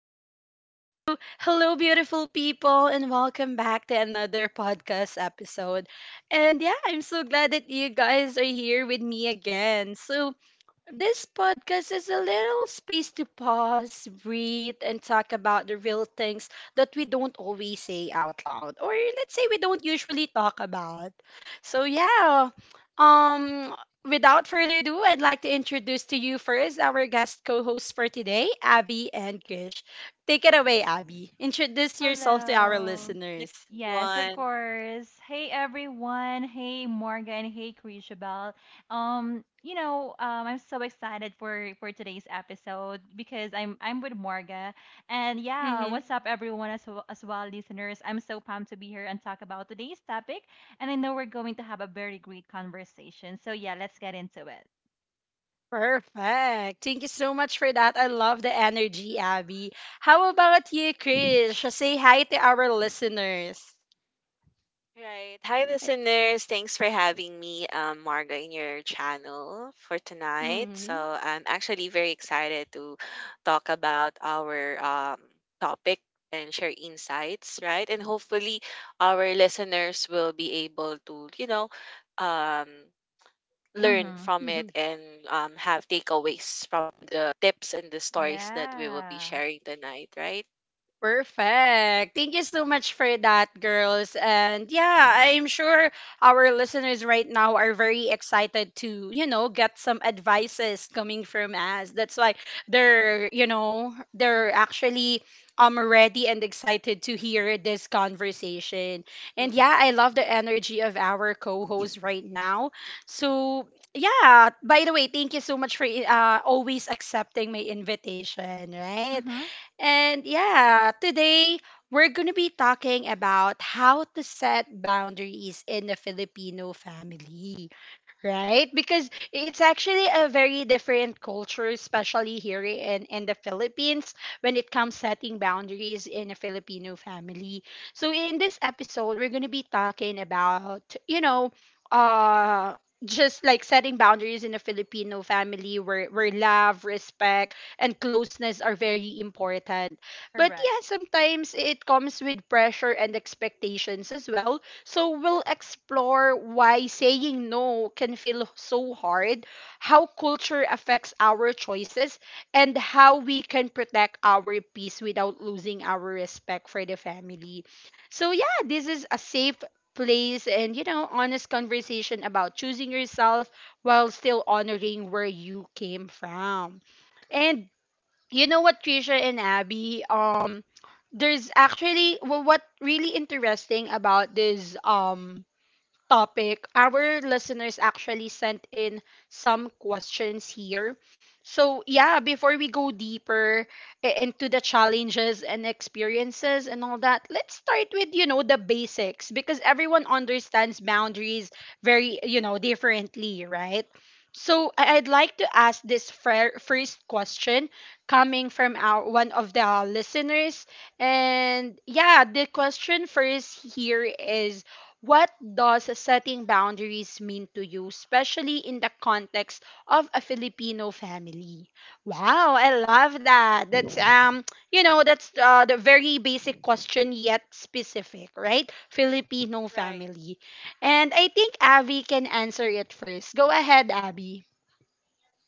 right. So, hello, beautiful people, and welcome back to another podcast episode. And yeah, I'm so glad that you guys are here with me again. So, this podcast is a little space to pause, breathe, and talk about the real things that we don't always say out loud, or let's say we don't usually talk about. So yeah, um, without further ado, I'd like to introduce to you first our guest co-hosts for today, Abby and Krish. Take it away, Abby. Introduce yourself to our Hello. Hi, listeners. Yes, of everyone. course. Hey everyone. Hey Morgan. Hey Krishabel. I'm so excited for today's episode because I'm with Morga. And yeah, Mm-hmm. what's up everyone as well, listeners. I'm so pumped to be here and talk about today's topic, and I know we're going to have a very great conversation. So yeah, let's get into it. Perfect. Thank you so much for that. I love the energy, Abby. How about you, Krish? Say hi to our listeners. Right. Hi, listeners. Thanks for having me, Marga, in your channel for tonight. So Mm-hmm. I'm actually very excited to talk about our topic and share insights, right? And hopefully, our listeners will be able to, um, learn Mhm. from it and have takeaways from the tips and the stories that we will be Yeah. sharing tonight, right? Perfect. Thank you so much for that, girls. And yeah, I'm sure our listeners right now are very excited to, you know, get some advices coming from us. That's why they're, you know, they're actually ready and excited to hear this conversation. And yeah, I love Mm-hmm. the energy of our co-host right now. So yeah, by the way, thank you so much for always accepting my invitation, right? Mhm. And yeah, today we're going to be talking about how to set boundaries in a Filipino family, right? Because it's actually a very different culture, especially here in the Philippines, when it comes setting boundaries in a Filipino family. So in this episode, we're gonna be talking about, you know, uh just like setting boundaries in a Filipino family where love, respect, and closeness are very important. But Correct. yeah, sometimes it comes with pressure and expectations as well, so we'll explore why saying no can feel so hard, how culture affects our choices, and how we can protect our peace without losing our respect for the family. So yeah, this is a safe place and you know honest conversation about choosing yourself while still honoring where you came from. And you know what, Trisha and Abby? There's actually what really interesting about this topic. Our listeners actually sent in some questions here. So, yeah, before we go deeper into the challenges and experiences and all that, let's start with, you know, the basics because everyone understands boundaries very, you know, differently, right? So, I'd like to ask this first question coming from our one of the listeners. And yeah, the question first here is, what does setting boundaries mean to you, especially in the context of a Filipino family? Wow, I love that. That's you know, that's the very basic question yet specific, right? Filipino Right. family, and I think Abby can answer it first. Go ahead, Abby.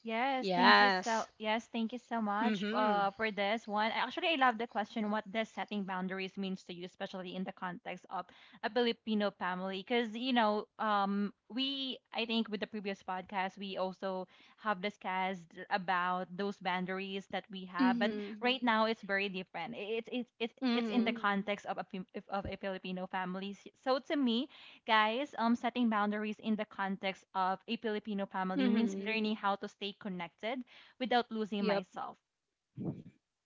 Yes. Yes, thank you so much Mhm. For this one. Actually, I love the question, what does setting boundaries means to you, especially in the context of a Filipino family? Because you know, we I think with the previous podcast we also have discussed about those boundaries that we have, but Mhm. right now it's very different. It's in Mhm. the context of a Filipino family. So to me, setting boundaries in the context of a Filipino family means Mhm. learning how to stay connected without losing Yep. myself,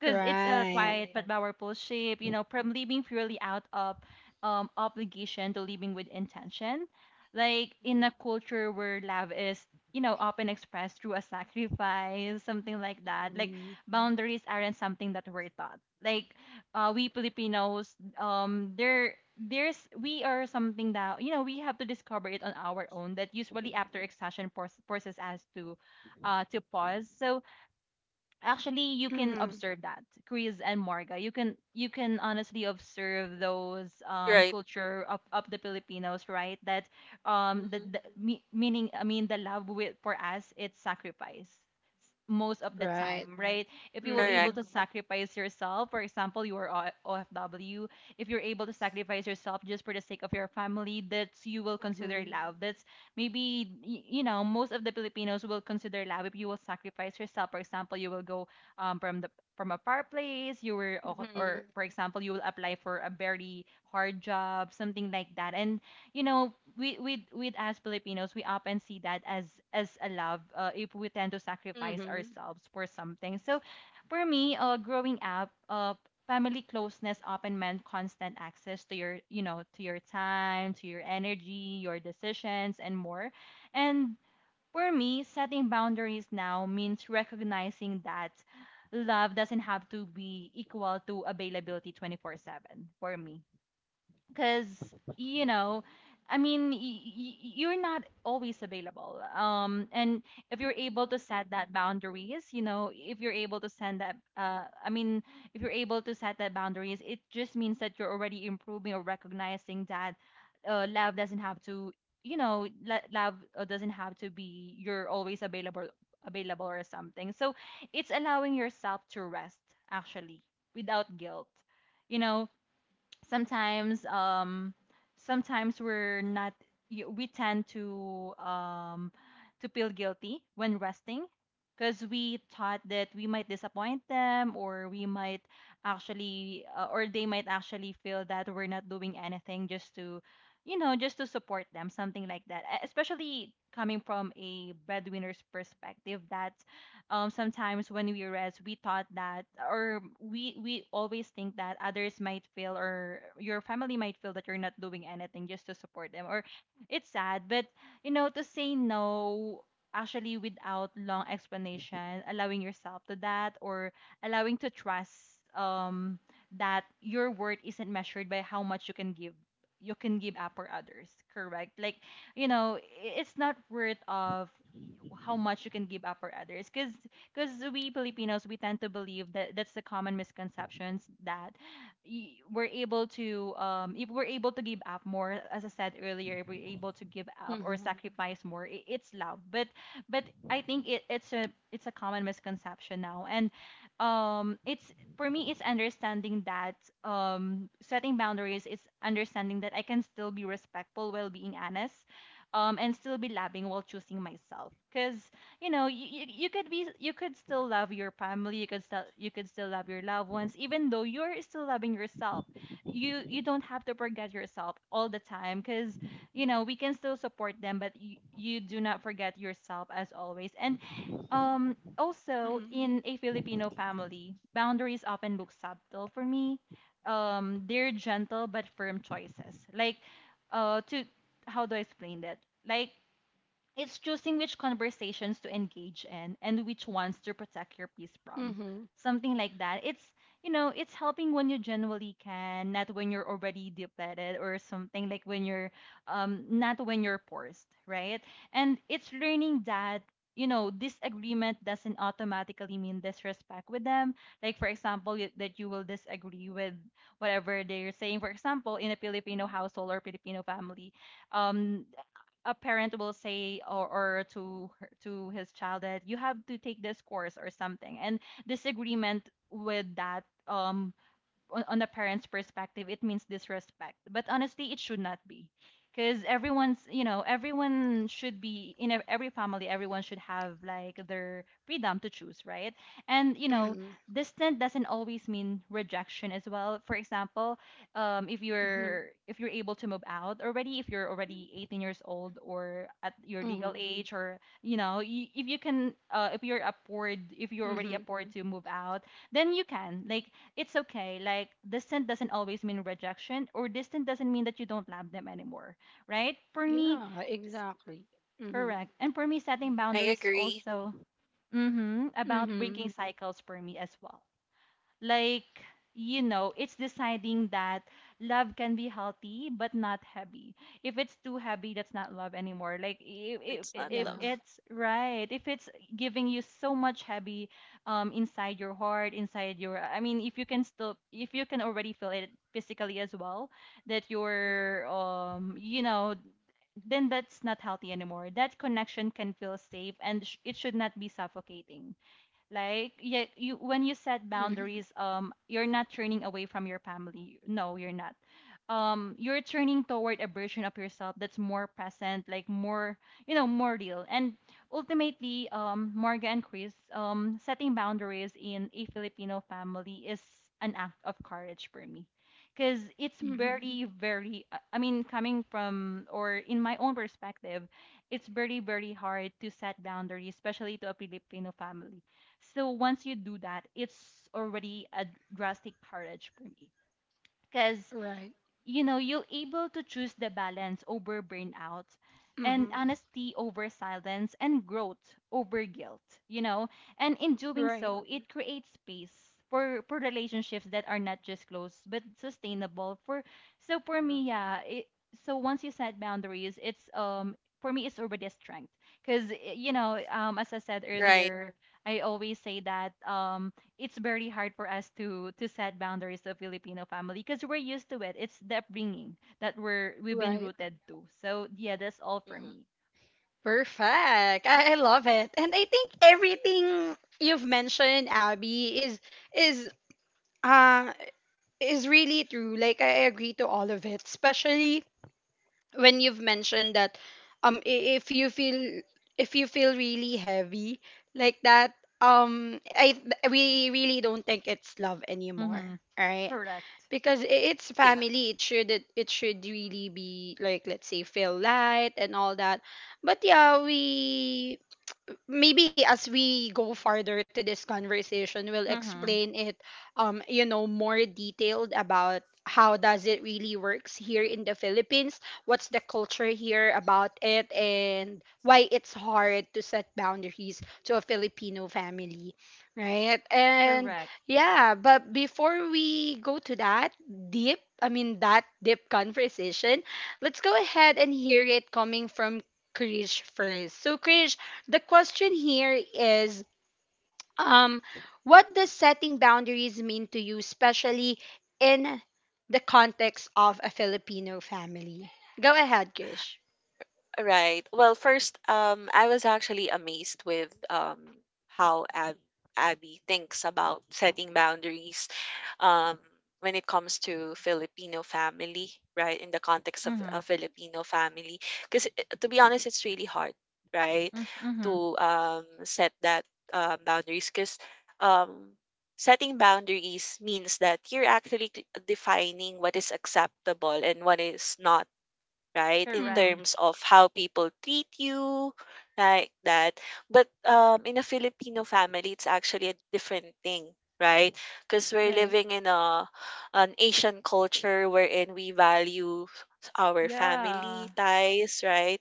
because it's a quiet, exactly, but powerful shape, you know, from living purely out of obligation to living with intention. Like in a Mhm. culture where love is, often expressed through a sacrifice, something like that. Like Mhm. boundaries aren't something that we're taught. Like we Filipinos, there, there's we are something that we have to discover it on our own. That usually after exhaustion forces us to pause. So actually you can Mhm. observe that, Chris and Morga, you can honestly observe those Right. culture of the Filipinos, right, that Mhm. the me, meaning I mean the love, with for us it's sacrifice most of the Right. time, right? If you were Mhm. able Correct. to sacrifice yourself, for example, you are OFW. If you're able to sacrifice yourself just for the sake of your family, that's, you will consider Mhm. love. That's maybe, you know, most of the Filipinos will consider love if you will sacrifice yourself. For example, you will go um, from the from a far place. Or Mhm. for example, you will apply for a very hard job, something like that. And we with as Filipinos, we often see that as a love, if we tend to sacrifice Mhm. ourselves for something. So for me, growing up, family closeness often meant constant access to your, to your time, to your energy, your decisions, and more. And for me, setting boundaries now means recognizing that love doesn't have to be equal to availability 24/7 for me, because you know I mean y- y- you're not always available, and if you're able to set that boundaries, you know if you're able to send that I mean if you're able to set that boundaries, it just means that you're already improving or recognizing that, love doesn't have to, love, doesn't have to be you're always available or something. So it's allowing yourself to rest, actually, without guilt. You know, sometimes, we're not, we tend to, to feel guilty when resting, because we thought that we might disappoint them, or we might actually, or they might actually feel that we're not doing anything just to, just to support them, something like that. Especially coming from a breadwinner's perspective, that sometimes when we rest we thought that, or we always think that others might feel or your family might feel that you're not doing anything just to support them. Or it's sad, but you know, to say no, actually, without long explanation, allowing yourself to that, or allowing to trust, that your worth isn't measured by how much you can give, you can give up for others, correct? Like, you know, it's not worth of how much you can give up for others. Because we Filipinos, we tend to believe that, that's the common misconceptions that, we're able to, if we're able to give up more, as I said earlier, if we're able to give up Mhm. or sacrifice more, I it's love. But I think it's a common misconception now, and it's, for me, it's understanding that, setting boundaries is understanding that I can still be respectful while being honest, and still be loving while choosing myself. Because, you know, you could still love your family, you could still love your loved ones, even though you're still loving yourself. You don't have to forget yourself all the time. Because, you know, we can still support them, but you do not forget yourself as always. And also, Mhm. in a Filipino family, boundaries often look subtle for me. They're gentle but firm choices. Like, to how do I explain that? Like, it's choosing which conversations to engage in and which ones to protect your peace from. Mhm. Something like that. It's, you know, it's helping when you genuinely can, not when you're already depleted, or something like when you're, not when you're forced, right? And it's learning that, you know, disagreement doesn't automatically mean disrespect with them. Like, for example, that you will disagree with whatever they're saying. For example, in a Filipino household or Filipino family, um, a parent will say, or to to his child that you have to take this course or something, and disagreement with that, on the parent's perspective, it means disrespect. But honestly, it should not be. Because everyone's, you know, everyone should be, in every family, everyone should have like their freedom to choose, right? And, you know, Mhm. distant doesn't always mean rejection as well. For example, if Mhm. you're, if you're able to move out already, if you're already 18 years old or at your Mhm. legal age, or you know, if you can, if you're afford, if you're Mhm. already afford to move out, then you can, like, it's okay. Like, distant doesn't always mean rejection, or distant doesn't mean that you don't love them anymore, right? For me, Yeah, s- exactly. Mhm. correct. And for me, setting Mhm. I boundaries agree. also, mm-hmm, about Mhm. breaking cycles for me as well. Like, you know, it's deciding that love can be healthy but not heavy. If it's too heavy, that's not love anymore. Like, It's Yeah. not if love. it's right, if it's giving you so much heavy inside your heart, inside your, I mean, if you can still, if you can already feel it physically as well, that Mhm. you're, you know, then that's not healthy anymore. That connection can feel safe and it should not be suffocating. Like, yeah, you, when you set Mhm. boundaries, you're not turning away from your family. No, you're not. You're turning toward a version of yourself that's more present, like more, you know, more real. And ultimately, Marga and Chris, setting boundaries in a Filipino family is an act of courage for me. Because it's Mhm. very, very, I mean, coming from, or in my own perspective, it's very, very hard to set boundaries, especially to a Filipino family, so once you do that, it's already a drastic courage for me. Because, Right. you know, you'll able to choose the balance over burnout, and Mhm. honesty over silence, and growth over guilt, you know. And in doing Right. so, it creates space for relationships that are not just close but sustainable. For, so for me, Mhm. yeah, so once you set boundaries, it's, for me, it's already a strength. Because, you know, as I said Right. earlier, I always say that, it's very hard for us to set boundaries to Filipino family because we're used to it. It's the upbringing that we're, we've been Right. rooted to. So yeah, that's all for Mhm. me. Perfect. I love it. And I think everything you've mentioned, Abby, is uh is really true. Like I agree to all of it, especially when you've mentioned that, if you feel, if you feel really heavy like that, we really don't think it's love anymore, Mm-hmm. right? Correct. Because it's Yeah. family. It should, it should really be like, let's say, feel light and all that. But yeah, we, maybe as we go farther to this conversation, we'll explain Mm-hmm. it, you know, more detailed about how does it really works here in the Philippines, what's the culture here about it, and why it's hard to set boundaries to a Filipino family, right? And Correct. yeah, but before we go to that deep, I mean that deep conversation, let's go ahead and hear it coming from Krish first. So Krish, the question Mhm. here is, um what does setting boundaries mean to you, especially in the context of a Filipino family? Go ahead, Kish. Right. Well, first, I was actually amazed with how Ab Abby thinks about setting boundaries um, when it comes to Filipino family, right? In the context of a Mm-hmm. Filipino family, because to be honest, it's really hard, right, Mm-hmm. to set that boundaries. Because um, setting boundaries means that you're actually defining what is acceptable and what is not, right? In Correct. Mm-hmm. terms of how people treat you, like that. But in a Filipino family, it's actually a different thing, right? Because we're Right. living in a an Asian culture wherein we value our Yeah. family ties, right?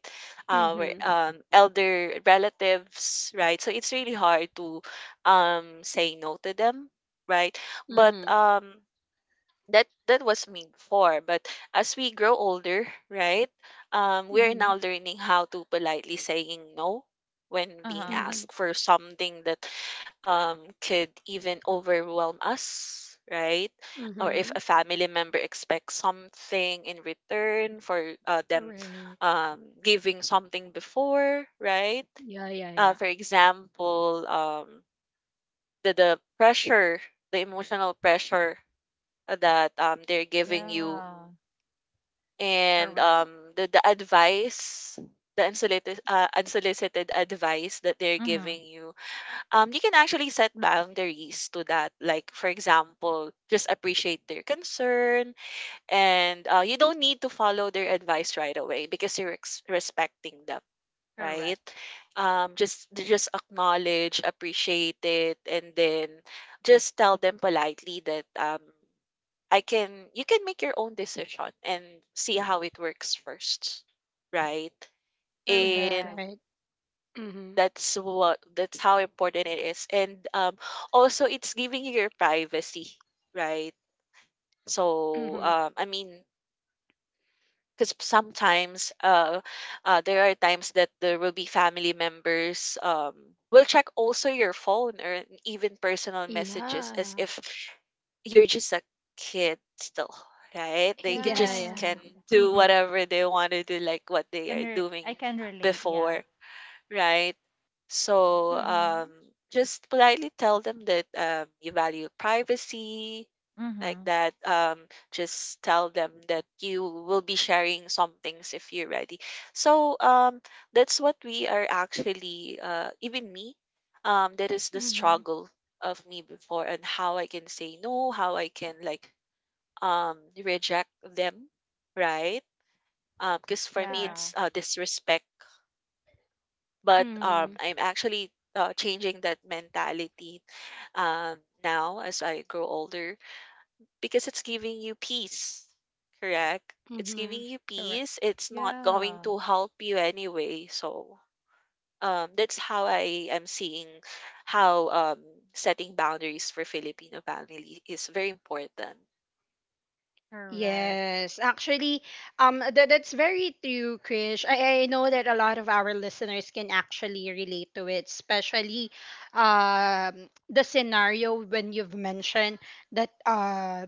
Our Mm-hmm. Elder relatives, right? So it's really hard to say no to them, right? But Mm-hmm. um, that was me before, but as we grow older, right, we're Mm-hmm. now learning how to politely saying no when being Uh-huh. Mm-hmm. asked for something that could even overwhelm us, right, or if Mm-hmm. a family member expects something in return for them Correct. Giving something before, right? Yeah, yeah, yeah. For example, the pressure, the emotional pressure that they're giving you, Yeah. and, Correct. The advice, the unsolicited unsolicited advice that they're Mm-hmm. giving you, you can actually set boundaries to that. Like, for example, just appreciate their concern, and you don't need to follow their advice right away because you're respecting them, right? Correct. Um, just acknowledge, appreciate it, and then just tell them politely that I can you can make your own decision and see how it works first, right? Right. And Correct. Right. Mm-hmm. That's how important it is. And also it's giving you your privacy, right? So Mm-hmm. I mean because sometimes there are times that there will be family members will check also your phone or even personal messages as Yeah. if you're just a kid still, right? They could Yeah, just yeah. Yeah. can do Mm-hmm. whatever they want to do, like what they Can are re- doing I can relate. Yeah. before. Right. So, Mm-hmm. Just politely tell them that you value privacy, like Mm-hmm. that. Just tell them that you will be sharing some things if you're ready. So, that's what we are actually, even me, that is the Mm-hmm. struggle of me before and how I can say no, how I can like reject them, right? Because for me Yeah. Correct. it's disrespect, but, Mm-hmm. I'm actually, changing that mentality, now as I grow older because it's giving you peace, correct? It's giving Mm-hmm. you Correct. peace. It's not going Yeah. to help you anyway. So, that's how I am seeing how, setting boundaries for Filipino family is very important. Correct. Yes, actually, that, that's very true, Krish. I know that a lot of our listeners can actually relate to it, especially the scenario when you've mentioned that,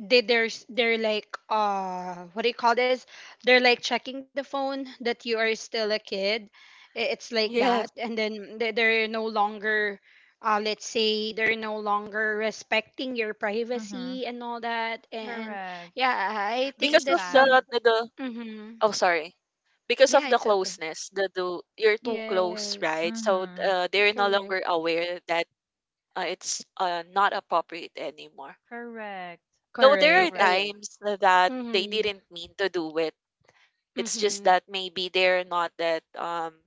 they're like, uh, what do you call this, they're like checking the phone that you are still a kid. It's like that, Yes. and then they're no longer, uh, let's say they're no longer respecting your Mm-hmm. privacy and all that. And Correct. yeah, I It's think Because of that's the bad. some, the hmm, Oh, sorry. Because yeah, of the it's okay. closeness, the you're too close, Yes, right? So Mm-hmm. They're no longer correct. aware that it's not appropriate anymore. Correct. Though there are Correct. Correct. I times na that they Mm-hmm. didn't mean to do it. It's just Mm-hmm. that maybe they're not that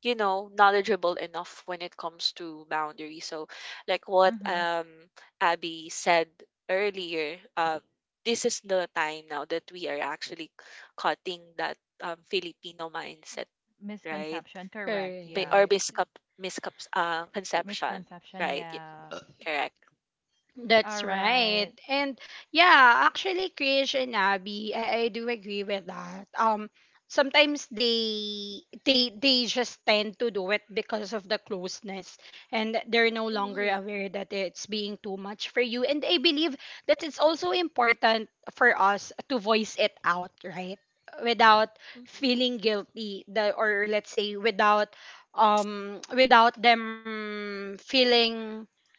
you know, knowledgeable enough when it comes to boundaries. So like what Mm-hmm. Abby said earlier, this is the time now that we are actually cutting that Filipino mindset, right? Misconception. Correct. Ba Yeah. or Correct. miscap miscap conception, Misconception. right? Yeah. Correct. All That's right. right. And yeah, actually Krish and Abby, I do agree with that. Um, sometimes they just tend to do it because of the closeness, and they're no longer Mhm, aware that it's being too much for you. And I believe that it's also important for us to voice it out, right? Without mhm. feeling guilty, the, or let's say without without them feeling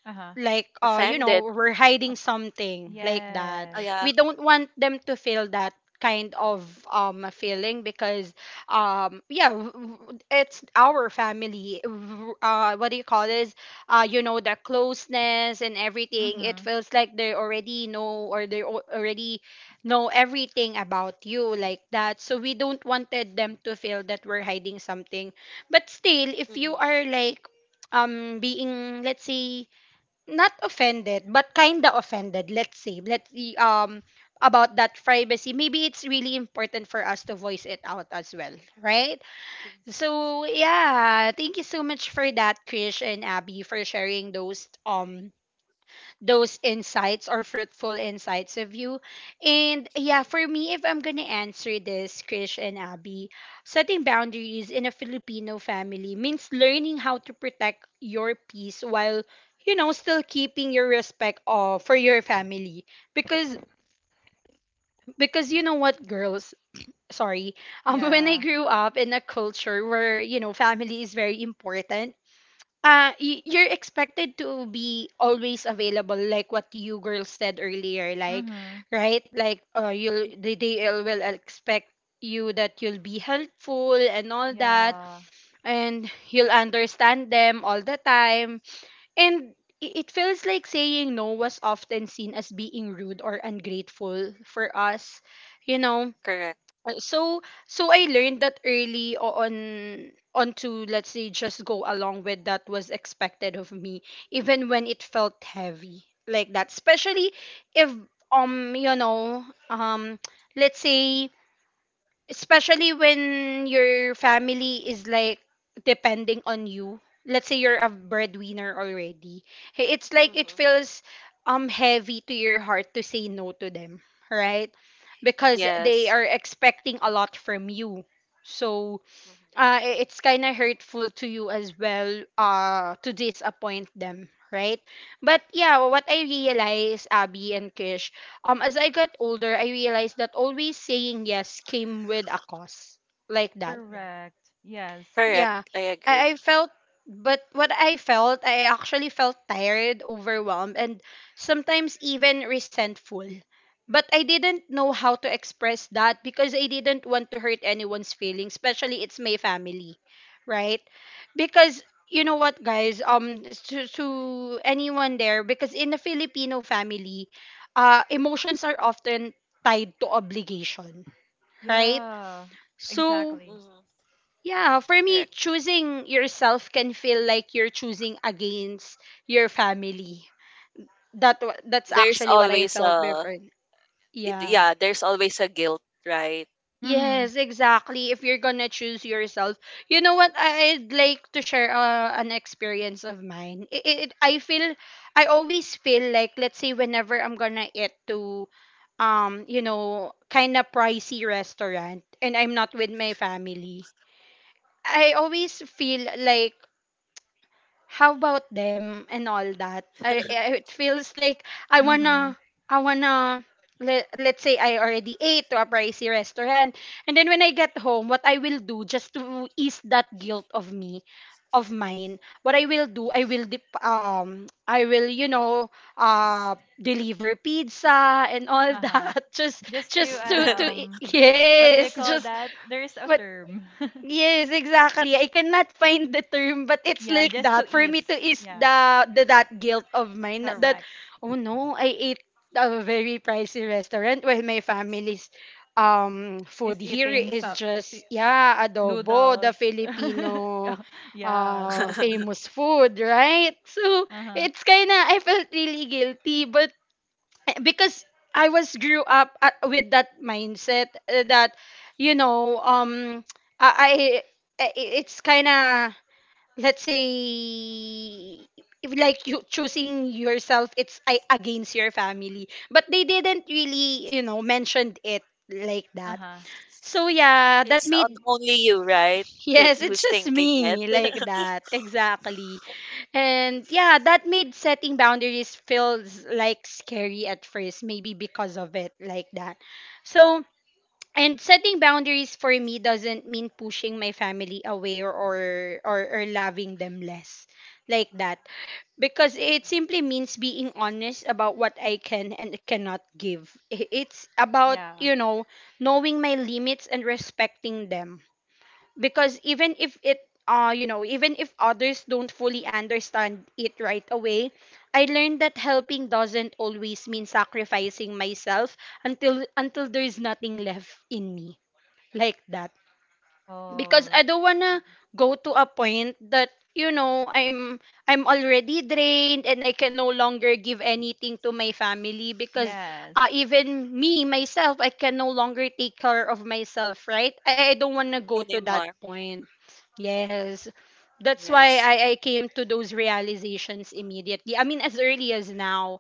Uh-huh. like, uh, you know, Offended. we're hiding Up- something like that. Oh, yes. yeah. We don't want them to feel that kind of feeling because, um, yeah, it's our family. What do you call this, uh, you know, the closeness and everything, it Mm-hmm. feels like they already know, or they already know everything about you like that, so we don't wanted them to feel that we're hiding something. But still, if you Mhm, are like, um, being, let's say, not offended, but kinda offended, let's say. Let's see, um, about that privacy. Maybe it's really important for us to voice it out as well, right? mhm, So yeah, thank you so much for that, Krish and Abby, for sharing those insights or fruitful insights of you. And yeah, for me, if I'm gonna answer this, Krish and Abby, setting boundaries in a Filipino family means learning how to protect your peace while you know still keeping your respect of, for your family, because because you know what, girls, sorry, um, when I Yeah. grew up in a culture where, you know, family is very important, you're expected to be always available, like what you girls said earlier, like, Mm-hmm. right, like, uh, you'll, mhm. they will expect you that you'll be helpful and all that, Yeah. and you'll understand them all the time. And it feels like saying no was often seen as being rude or ungrateful for us, you know. Correct. So, so I learned that early on on to, let's say, just go along with that was expected of me, even when it felt heavy like that, especially if, you know, um, let's say, especially when your family is like depending on you, let's say you're a breadwinner already. Hey, it's like it Hmm. feels heavy to your heart to say no to them, right? Because they Yes. are expecting a lot from you. So, uh, Mhm. i- it's kind of hurtful to you as well, to disappoint them, right? But yeah, what I realized, Abby and Kish, um, as I got older, I realized that always saying yes came with a cost, like that. Correct. Yes. Correct. Yeah, I agree. I, I felt, but what I felt, I actually felt tired, overwhelmed, and sometimes even resentful. But I didn't know how to express that because I didn't want to hurt anyone's feelings, especially it's my family, right? Because you know what, guys, to anyone there, because in a Filipino family, emotions are often tied to obligation, right? Yeah. So Exactly. Hmm. yeah, for me, Correct. choosing yourself can feel like you're choosing against your family. That that's There's actually what I always felt a before. Yeah. yeah. There's always a guilt, right? Mm-hmm. Yes, exactly. If you're gonna choose yourself, you know what? I'd like to share, an experience of mine. I feel, I always feel like, let's say, whenever I'm gonna eat to, you know, kind of pricey restaurant, and I'm not with my family, I always feel like how about them and all that. I it feels like i Mm-hmm. wanna i wanna let, let's say I already ate to a pricey restaurant, and then when I get home, what I will do just to ease that guilt of me, of mine, what I will do, I will dip, um, I will, you know, uh, deliver pizza and all Uh-huh. that, just Just to, just to Mhm. e, what do you yes, call just, that? There is a but, term. yes, exactly. I cannot find the term, but it's Yeah. like Just to that. For me ease. to is Yeah. The that guilt of mine, that, Correct. oh no, I ate a very pricey restaurant while my family's, um, Is food here eating is some just, si- yeah, adobo, the noodles. Filipino, Yeah, uh, adobo. famous food, right? So Uh-huh. it's kinda I felt really guilty, but because I was grew up at, with that mindset that you know um I, it's kind of let's say if like you choosing yourself it's I, against your family, but they didn't really mentioned it like that. Uh-huh. So yeah, that It's on made only you, right? That yes, it's who's just thinking it. me like that exactly. And yeah, that made setting boundaries feels like scary at first, maybe because of it like that. So, and setting boundaries for me doesn't mean pushing my family away or or loving them less like that, because it simply means being honest about what I can and cannot give. It's about, Yeah. you know, knowing my limits and respecting them, because even if others don't fully understand it right away, I learned that helping doesn't always mean sacrificing myself until there's nothing left in me like that, because Oh, I don't wanna Mhm. go to a point that I'm already drained and I can no longer give anything to my family. Because yes. Even me myself, I can no longer take care of myself, right? I don't wanna go to that Anymore. point. Yes, that's why Yes. I came to those realizations immediately, I mean as early as now.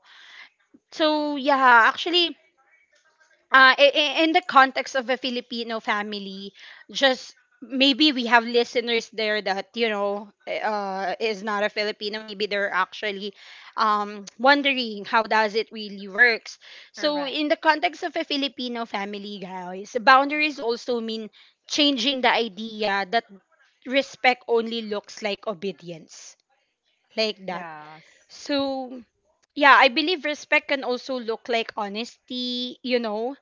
So Mhm. yeah, actually, in the context of a Filipino family, just maybe we have listeners there that is not a Filipino. Maybe they're actually wondering how does it really works. So Correct. in the context of a Filipino family, guys, boundaries also mean changing the idea that respect only looks like obedience, like that. Yes. So yeah, I believe respect can also look like honesty, you know,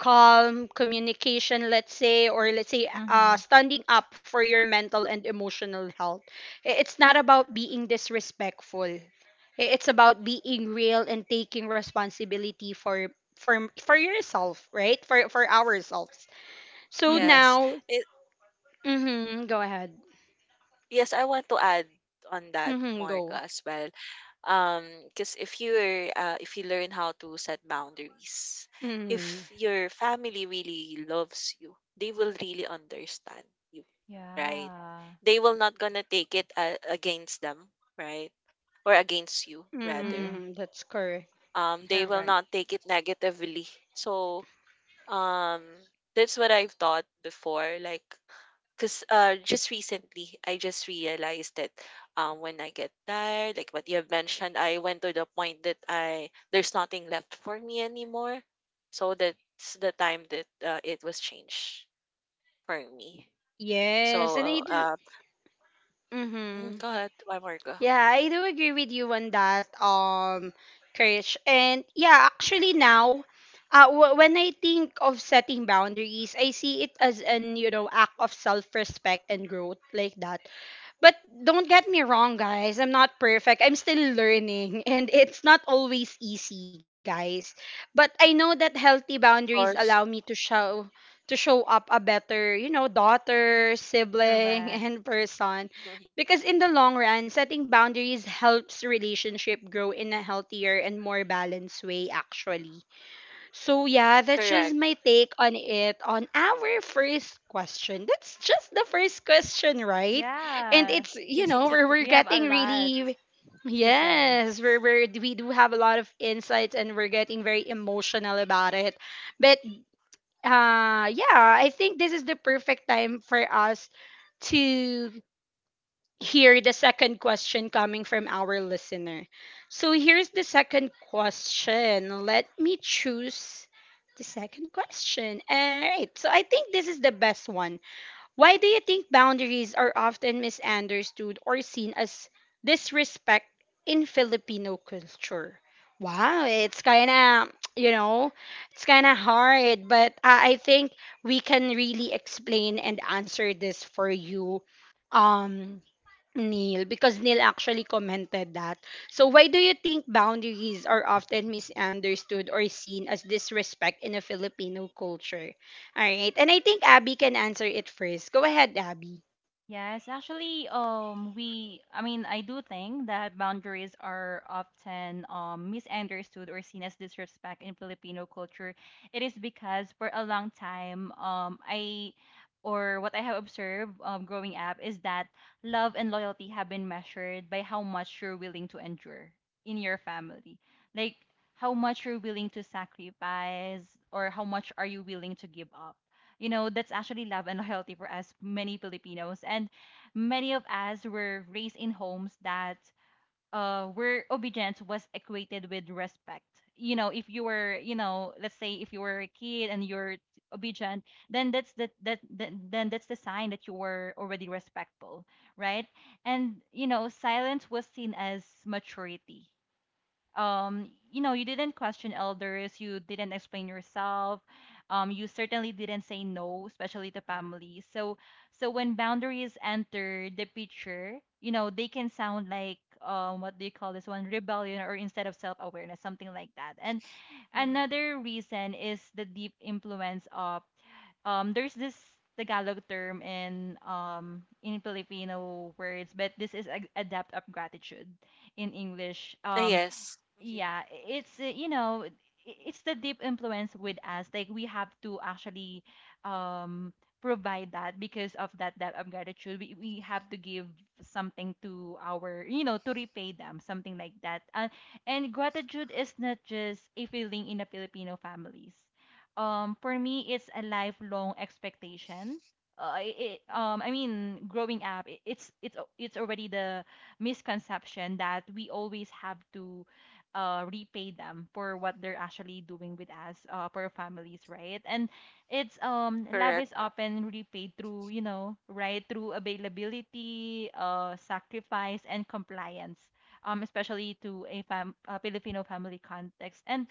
calm communication, let's say, or let's say Mhm. standing up for your mental and emotional health. It's not about being disrespectful. It's about Mhm. being real and taking responsibility for for yourself, right, for ourselves. So Mhm. Yes. now It, mhm, go ahead. Yes, I want to add on that, Mhm, go. Marga, as well. Because if you're if you learn how to set boundaries, Mhm. if your family really loves you, they will really understand you, right? Yeah. They will not gonna take it against them, right? Or against you rather. Mhm. Mhm, that's correct. They will Correct. not take it negatively. So um, that's what I've thought before, like, because just recently I just realized that when I get tired, like what you have mentioned, I went to the point that I there's nothing left for me anymore. So that's the time that it was changed for me. Yes, and I So do. Mm, Mhm. go ahead, one more go. Of Yeah, I do agree with you on that, Krish. And yeah, actually now, when I think of setting boundaries, I see it as an, you know, act of self-respect and growth like that. But don't get me wrong, guys. I'm not perfect. I'm still learning, and it's not always easy, guys. But I know that healthy boundaries course. allow me to show up a better, you know, daughter, Correct. sibling, and person. Mhm. Because in the long run, setting boundaries helps relationship grow in a healthier and more balanced way, actually. So yeah, that's Correct. just my take on it, on our first question. That's just the first question, right? And Yeah. it's, you know, we're We have a getting lot really, to say. yes, we're, we do have a lot of insights and we're getting very emotional about it. But yeah, I think this is the perfect time for us to here the second question coming from our listener. So here's the second question. Let me choose the second question. All right. So I think this is the best one. Why do you think boundaries are often misunderstood or seen as disrespect in Filipino culture? Wow, it's kind of, you know, it's kind of hard, but I think we can really explain and answer this for you. Um, Neil, because Neil actually commented that. So why do you think boundaries are often misunderstood or seen as disrespect in a Filipino culture? All right. And I think Abby can answer it first. Go ahead, Abby. Yes, actually, I mean, I do think that boundaries are often misunderstood or seen as disrespect in Filipino culture. It is because for a long time, or what I have observed growing up is that love and loyalty have been measured by how much you're willing to endure in your family. Like, how much you're willing to sacrifice or how much are you willing to give up. That's actually love and loyalty for us, many Filipinos. And many of us were raised in homes that where obedience was equated with respect. If you were, let's say, if you were a kid and you're obedient, then that's the sign that you were already respectful, right? And silence was seen as maturity. You didn't question elders, you didn't explain yourself. You certainly didn't say no, especially to family. So when boundaries enter the picture, they can sound like, what do you call this one, rebellion or instead of self-awareness, something like that. And Mhm. another reason is the deep influence of there's this Tagalog term in Filipino words, but this is a debt of gratitude in English. Ah, yes. Hmm. Yeah, I- it's you know, I- it's the deep influence with us. Like, we have to actually provide that because of that debt of gratitude. We have to give something to our, you know, to repay them, something like that. And gratitude is not just a feeling in the Filipino families. For me, it's a lifelong expectation. I Hmm. mean, growing up, it, it's already the misconception that we always have to repay them for what they're actually doing with us, for our families, right? And it's love Correct. is often repaid through, right, through availability, sacrifice, and compliance, especially to a fam a Filipino family context. And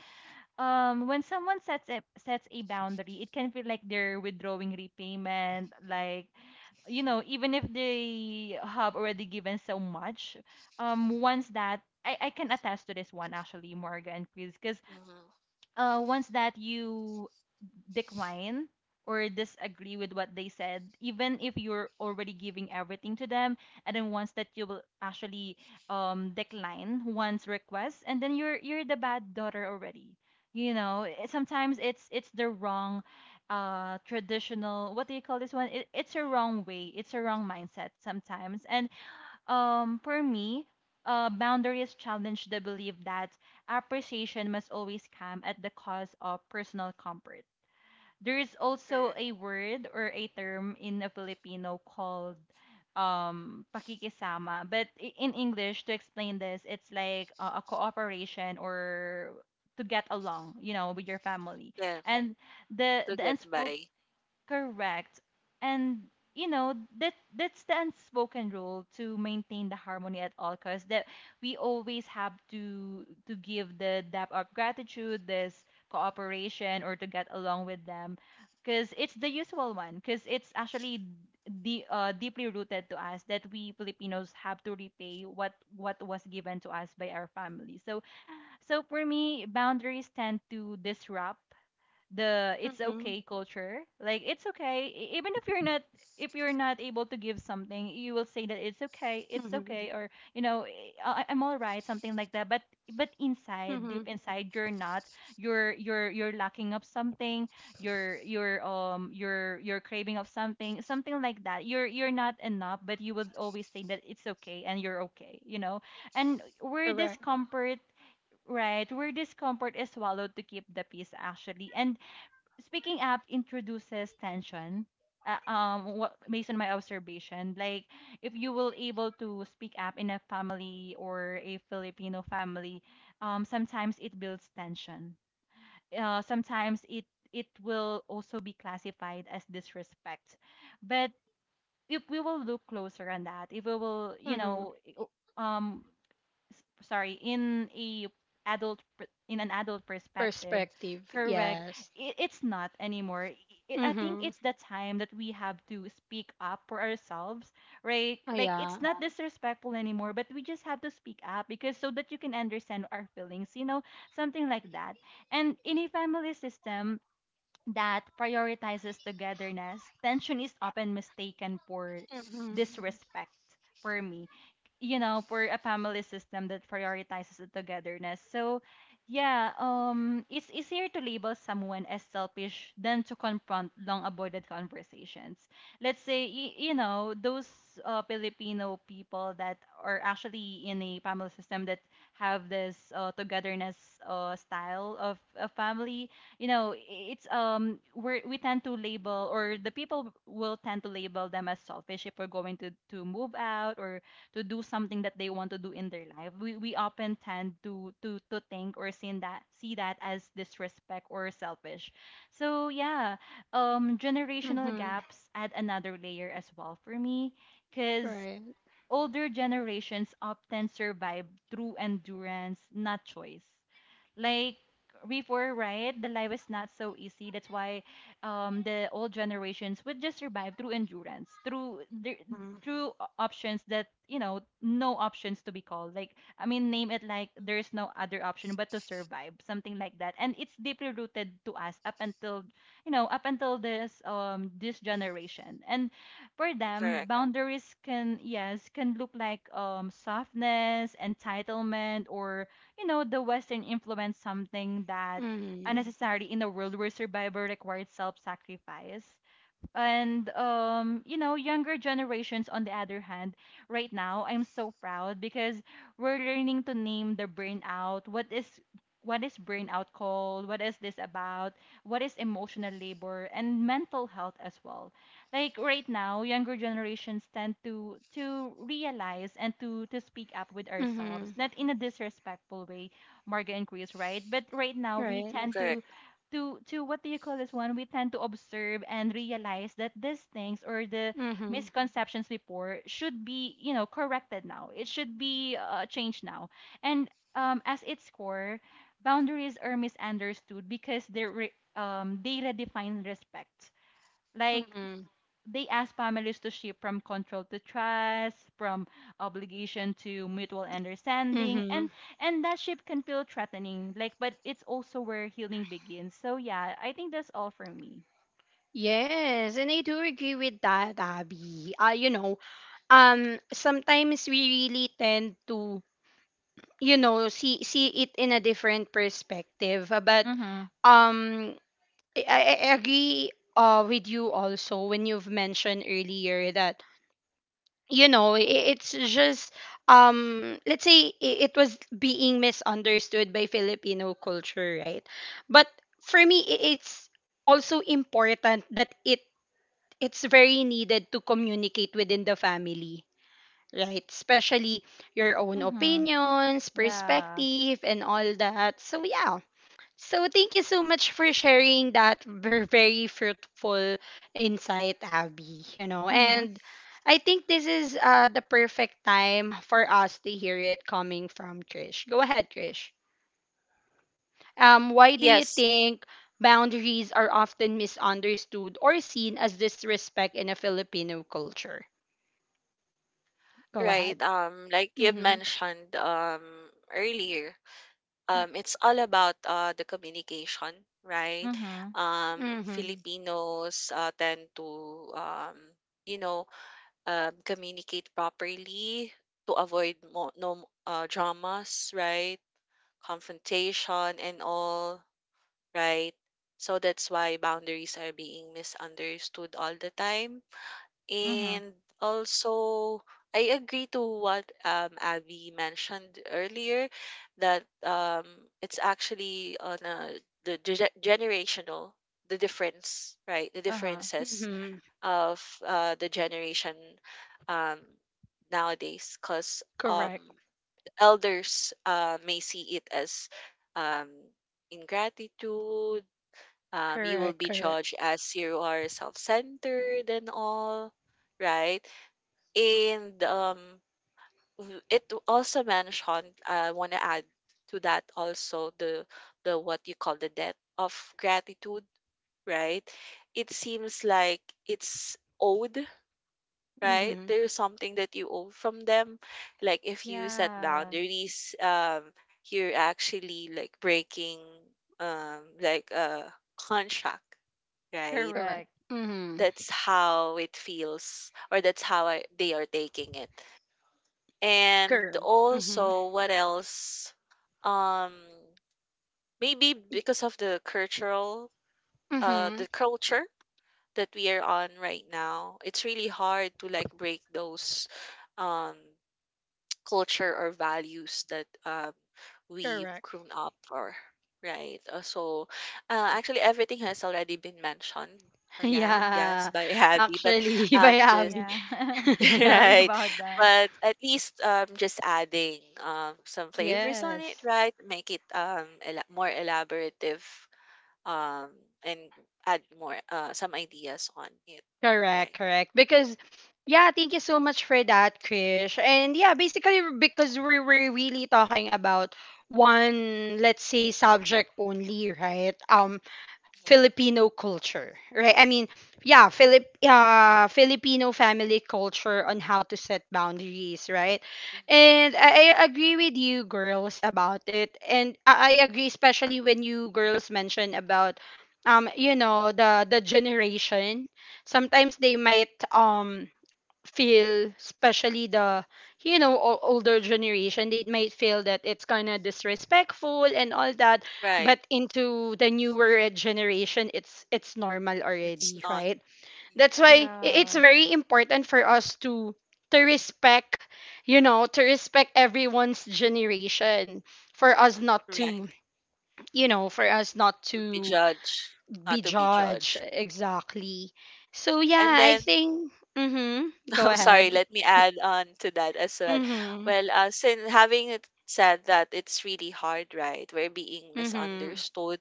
when someone sets a boundary, it can feel like they're withdrawing repayment, like, even if they have already given so much. Once that I can attest to this one, actually, Morgan and Chris, because Hmm. Once that you decline or disagree with what they said, even if you're already giving everything to them, and then once that you will actually decline one's request, and then you're the bad daughter already. Sometimes it's the wrong traditional, what do you call this one, it's a wrong way, it's a wrong mindset sometimes. And for me, boundaries challenge the belief that appreciation must always come at the cost of personal comfort. There is also Correct. a word or a term in a Filipino called pakikisama, but in English to explain this, it's like a cooperation or to get along, you know, with your family. Yeah, And the to the get unspoken— by. Correct. And you know that that's the unspoken rule to maintain the harmony at all costs, that we always have to give the depth of gratitude, this cooperation or to get along with them, because it's the usual one, because it's actually the deeply rooted to us that we Filipinos have to repay what was given to us by our family. So for me, boundaries tend to disrupt the "it's Mm-hmm. okay" culture. Like, it's okay, even if you're not able to give something, you will say that it's okay, Mm-hmm. it's okay, or "Eh, I'm all right," something like that. But inside, Mm-hmm. deep inside, you're not. You're lacking of something. You're craving of something, something like that. You're not enough, but you would always say that it's okay and you're okay, you know. And where Correct. discomfort— Right, where discomfort is swallowed to keep the peace, actually. And speaking up introduces tension. What, based on my observation, like, if you will able to speak up in a family or a Filipino family, sometimes it builds tension. Sometimes it will also be classified as disrespect. But if we will look closer on that, if we will, Mm-hmm. Sorry, in a adult per- in an adult perspective, Perspective. correct, Yes. it's not anymore— I think Mm-hmm. it's the time that we have to speak up for ourselves, right? Oh, Like, it's yeah. not disrespectful anymore, but we just have to speak up because so that you can understand our feelings, you know, something like that. And in a family system that prioritizes togetherness, tension is often mistaken for Mm-hmm. disrespect, for me. You know, for a family system that prioritizes the togetherness. So, yeah, it's easier to label someone as selfish than to confront long avoided conversations. Let's say, those Filipino people that are actually in a family system that have this togetherness style of a family, you know it's we tend to label, or the people will tend to label them as selfish if we're going to move out or to do something that they want to do in their life. We often tend to think or see that as disrespect or selfish. So, yeah, generational Mm-hmm. gaps add another layer as well, for me, because Right. older generations often survive through endurance, not choice. Like before, right? The life is not so easy. That's why the old generations would just survive through endurance, through the- Mm-hmm. through o- options that you know, no options to be called. Like, I mean, name it, like, there is Mm-hmm. no other option but to survive, something like that. And it's deeply rooted to us up until, up until this this generation. And for them, Correct. boundaries can look like softness, entitlement, or, you know, the Western influence, something that Mm-hmm. unnecessary in a world where survival requires self-sacrifice. And younger generations, on the other hand, right now, I'm so proud because we're learning to name the burnout. What is burnout called? What is this about? What is emotional labor and mental health as well? Like right now, younger generations tend to realize and to speak up with Mm-hmm. ourselves, not in a disrespectful way, Marga and Chris, right? But right now, we Right. Mm, tend correct. to what do you call this one? We tend to observe and realize that these things or the Mm-hmm. misconceptions before should be, you know, corrected now. It should be, changed now. And as its core, boundaries are misunderstood because they redefine respect. Like, Mm-hmm. they ask families to shift from control to trust, from obligation to mutual understanding, Mm-hmm. and that shift can feel threatening. Like, but it's also where healing begins. So, yeah, I think that's all for me. Yes, and I do agree with that, Abby. You know, sometimes we really tend to, you know, see it in a different perspective. But Mhm. um, I, I I agree with you also when you've mentioned earlier that you know i i- it's just let's say it was being misunderstood by Filipino culture, right? But for me, it's also important that it's very needed to communicate within the family, right? Especially your own Mhm. opinions, Yeah. perspective, and all that. So, yeah. So, thank you so much for sharing that very fruitful insight, Abby. You know, Mhm. and I think this is the perfect time for us to hear it coming from Trish. Go ahead, Trish. Why do you Yes, think boundaries are often misunderstood or seen as disrespect in a Filipino culture? Go right. ahead. Like you've Mhm. mentioned earlier, Mm-. It's all about the communication, right? Mhm. Mhm. Filipinos tend to um, you know, communicate properly to avoid mo no dramas, right? Confrontation and all, right? So that's why boundaries are being misunderstood all the time. Mhm. And also, I agree to what Abby mentioned earlier that it's actually on a, the generational, the difference, right? The Uh huh. differences Mhm. of the generation um, nowadays, because Correct. elders may see it as um, ingratitude, you will Correct. be Correct. judged as you are self centered and all, right? And, it also mentioned, I want to add to that also the what you call the debt of gratitude, right? It seems like it's owed, right? Mhm. There's something that you owe from them. Like if you set Yeah. boundaries, you're actually like breaking like a contract, right? Correct. Correct. Mhm. That's how it feels, or that's how they are taking it. And Correct. Mhm. also, what else? Um, maybe Y-. because of the cultural, Mhm. the culture that we are on right now, it's really hard to like break those, um, culture or values that we've Correct. grown up or right. So, actually, everything has already been mentioned. Yeah, yes, Yeah. by Abby, but Actually, by I'm just, Abby. Yeah. Sorry right? about that. But at least just adding some flavors on it, Yes. right? Make it um, more elaborative um, and add more some ideas on it, Correct, right? correct. Because yeah, thank you so much for that, Krish. And yeah, basically because we were really talking about one, let's say, subject only, right? Mhm, Filipino culture, right? I mean, yeah, Filipino family culture on how to set boundaries, right? mhm. And I agree with you girls about it, and I agree especially when you girls mention about, you know, the generation. Sometimes they might feel, especially the, you know, older generation, they might feel that it's kind of disrespectful and all that, Right. but into the newer generation it's normal It's already, not right? That's mhm, why it's Yeah. very important for us to respect, you know, to respect everyone's generation, for us not right, to, you know, for us not to be to judged, be not to be judged judged. exactly. So And yeah, I then, think mhm, go oh, ahead. sorry, let me add on to that as well. Mhm. Well, since having it said that it's really hard, right? We're being Mm-hmm. misunderstood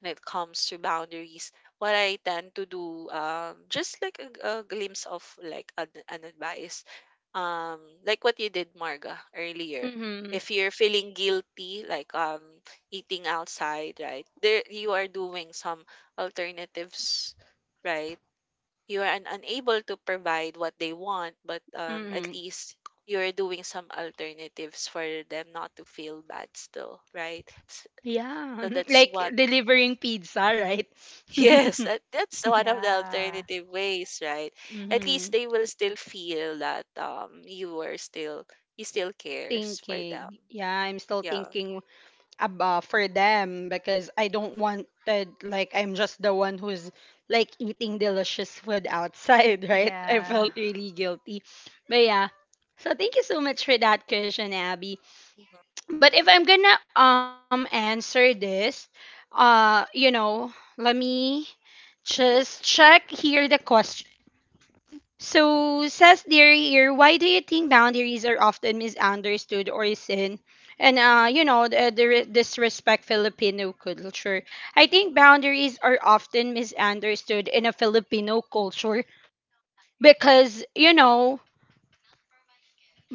when it comes to boundaries, what I tend to do, just like a glimpse of like an advice, um, like what you did, Marga, earlier. Mm-hmm. If you're feeling guilty, like eating outside, right? There, you are doing some alternatives, right? You are unable to provide what they want, but at Mm-hmm. least you're doing some alternatives for them not to feel bad still, right? Yeah. So that's Like what delivering pizza, right? Yes, that, that's one of the Yeah. alternative ways, right? At Mm-hmm. least they will still feel that you are still you still cares for them. Thinking. Yeah, I'm still Yeah. thinking about for them, because I don't want that, like I'm just the one who's like eating delicious food outside, right? I Yeah. felt really guilty. But yeah. So thank you so much for that question, Abby. Mhm. But if I'm gonna answer this, you know, let me just check here the question. So says there here, why do you think boundaries are often misunderstood or sin? And you know, the disrespect Filipino culture. I think boundaries are often misunderstood in a Filipino culture because you know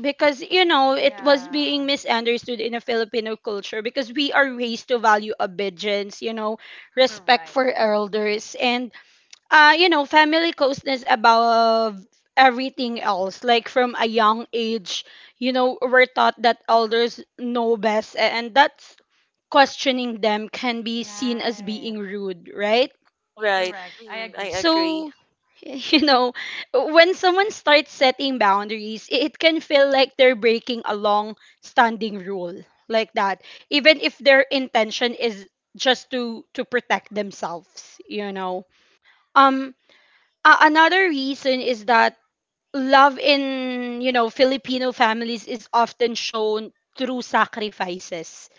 because you know it was Yeah. being misunderstood in a Filipino culture because we are raised to value obedience, you know, respect Correct. for elders, and you know, family closeness above everything else. Like from a young age, you know, we're taught that elders know best, and that's questioning them can be seen as Right. being rude, right? Right. Correct. I Mm, I agree. agree. So, you know, when someone starts setting boundaries, it can feel like they're breaking a long standing rule like that, even if their intention is just to protect themselves, you know. Um Another reason is that love in, you know, Filipino families is often shown through sacrifices,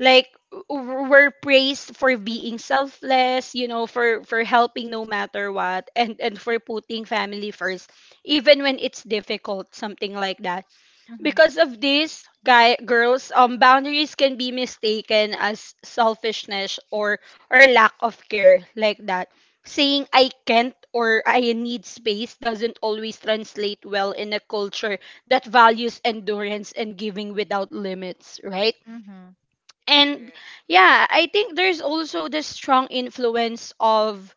like are praised for being selfless, you know, for helping no matter what, and for putting family first even when it's difficult, something like that. Mm-hmm. Because of this, guy girls, boundaries can be mistaken as selfishness or lack of care, like that. Saying I can't or I need space doesn't always translate well in a culture that values endurance and giving without limits, right? Mm-hmm. And Correct. yeah, I think there's also the strong influence of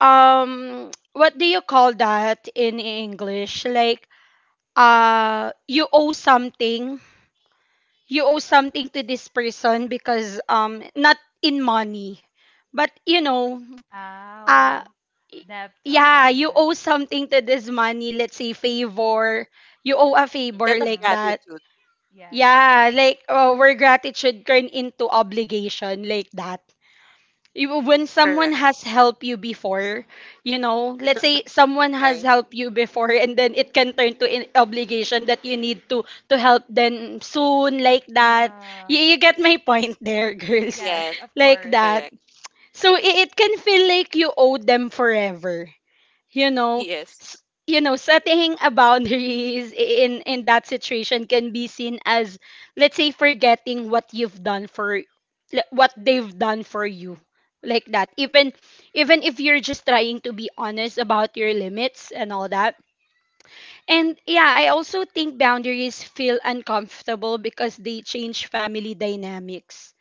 what do you call that in English? Like you owe something. You owe something to this person, because not in money. But you know, uh Oh, depth of yeah, you gratitude. owe something to this money, let's say favor. You owe a Mm, debt favor of Mm-hmm. like that. gratitude. Yes, it is. Yeah, like where gratitude turn into obligation like that. You, when someone Correct. has helped you before, you know, let's say someone Right. has helped you before and then it can turn to an obligation that you need to help them soon, like that. Yeah. Mm-hmm. You get my point there, girls. Yes, Yes. of Like course. that. Correct. So it can feel like you owe them forever. You know, Yes. You know, setting a boundaries in that situation can be seen as, let's say, forgetting what you've done for what they've done for you, like that, even even if you're just trying to be honest about your limits and all that. And yeah, I also think boundaries feel uncomfortable because they change family dynamics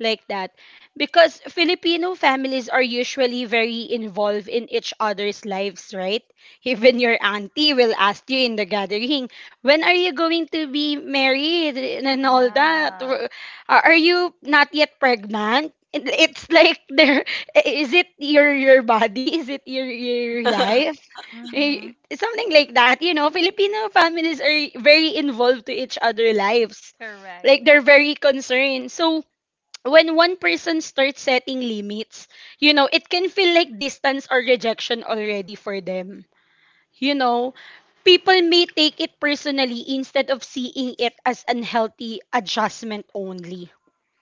like that, because Filipino families are usually very involved in each other's lives, right? Even your auntie will ask you in the gathering, "When are you going to be married?" and all that. Or, Yeah. Are you not yet pregnant?" It- It's like there is it your body? Is it your life? Mm-hmm. Eh, something like that. You know, Filipino families are very involved to each other lives. Correct. Like they're very concerned. So when one person starts setting limits, you know, it can feel like distance or rejection already for them. You know, people may take it personally instead of seeing it as unhealthy adjustment only.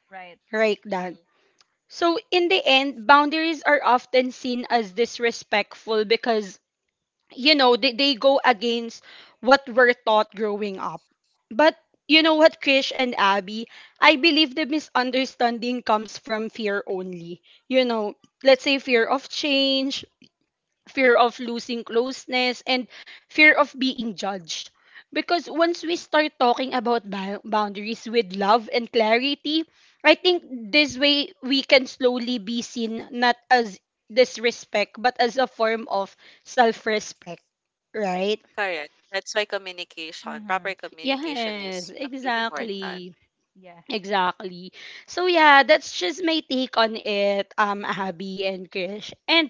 Right. Right, Dan? Mhm. So, in the end, boundaries are often seen as disrespectful because, you know, they go against what we're taught growing up. But, you know Mm, what, Krish and Abby, I believe the misunderstanding comes from fear only, you know, let's say fear of change, fear of losing closeness, and fear of being judged. Because once we start talking about boundaries with love and clarity, I think this way we can slowly be seen not as disrespect, but as a form of self respect, right? correct. That's why communication, proper Mm-hmm. communication Yes, is It's the important. key. exactly. Yeah. Exactly. So yeah, that's just my take on it, Abby and Krish. And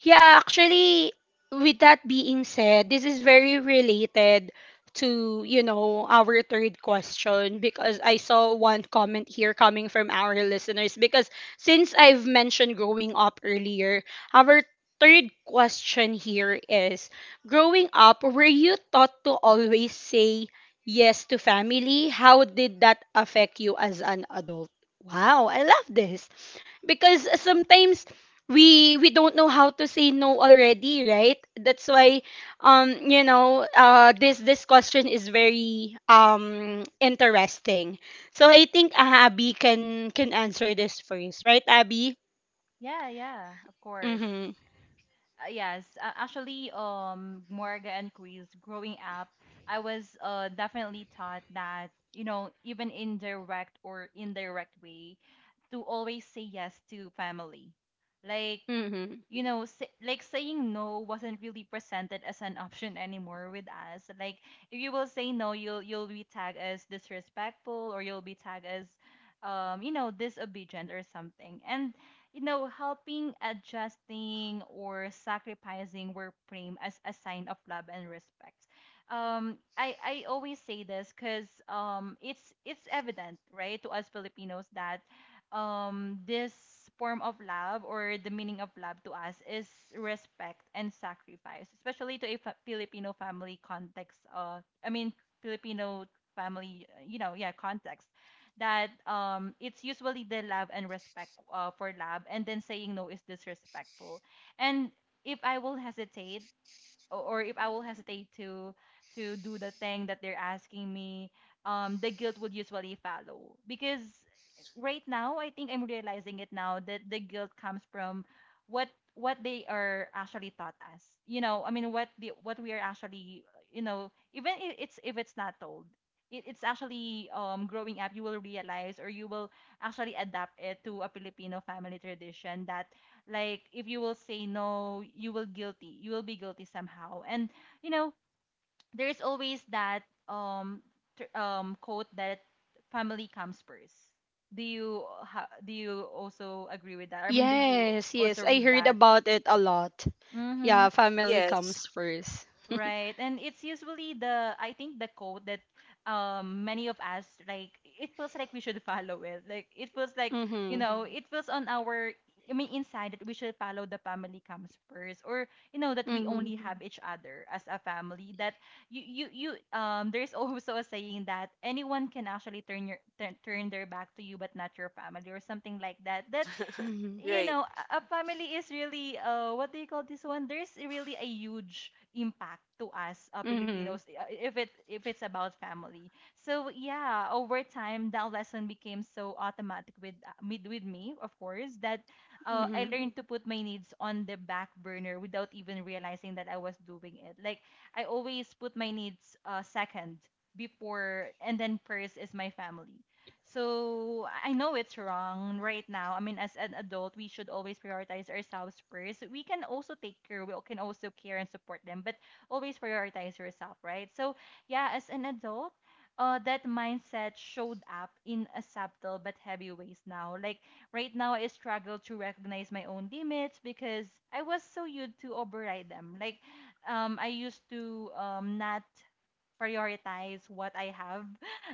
yeah, actually, with that being said, this is very related to, you know, our third question because I saw one comment here coming from our listeners. Because since I've mentioned growing up earlier, our third question here is, growing up, were you taught to always say yes to family? How did that affect you as an adult? Wow, I love this because sometimes we don't know how to say no already, right? That's why you know, this question is very interesting. So I think, Abby can answer this first, right, Abby? Yeah, yeah, of course. Mm-hmm. Yes, actually, Morga and Chris, growing up, I was definitely taught that, you know, even in direct or indirect way, to always say yes to family. Like, Mm-hmm. like, saying no wasn't really presented as an option anymore with us. Like, if you will say no, you'll be tagged as disrespectful, or you'll be tagged as, disobedient or something. And you know, helping, adjusting, or sacrificing were framed as a sign of love and respect. I always say this because it's evident, right, to us Filipinos that this form of love or the meaning of love to us is respect and sacrifice, especially to a Filipino family context. I mean, Filipino family, yeah, context. That it's usually the love and respect, for love, and then saying no is disrespectful. And if I will hesitate or if I will hesitate to do the thing that they're asking me, the guilt would usually follow. Because right now, I think I'm realizing it now that the guilt comes from what what they are actually taught us. I mean, what we are actually, even if it's not told. It's actually, growing up, you will realize or you will actually adapt it to a Filipino family tradition that, like, if you will say no, you will guilty. You will be guilty somehow. And you know, there's always that quote that family comes first. Do you also agree with that? I mean, do you Yes, also yes, I read heard that? about it a lot. Mm-hmm. Yeah, family Yes. comes first. Right. And it's usually the I think the code that many of us, like, it feels like we should follow it. Like it feels like, Mm-hmm. It feels on our, I mean, inside that we should follow the family comes first. Or you know that we Mm-hmm. only have each other as a family. That you There's also a saying that anyone can actually turn their back to you, but not your family, or something like that. That, Mm-hmm. you Right. know, a family is really what do you call this one? There's really a huge impact to us, Mm-hmm. Filipinos, if it's about family. So yeah, over time that lesson became so automatic with me, of course, that I learned to put my needs on the back burner without even realizing that I was doing it. Like I always put my needs second before, and then first is my family. So I know it's wrong right now. I mean, as an adult, we should always prioritize ourselves first. We can also take care, we can also care and support them, but always prioritize yourself, right? So, yeah, as an adult, that mindset showed up in a subtle but heavy ways now. Like right now, I struggle to recognize my own limits because I was so used to override them. Like I used to, not prioritize what I have.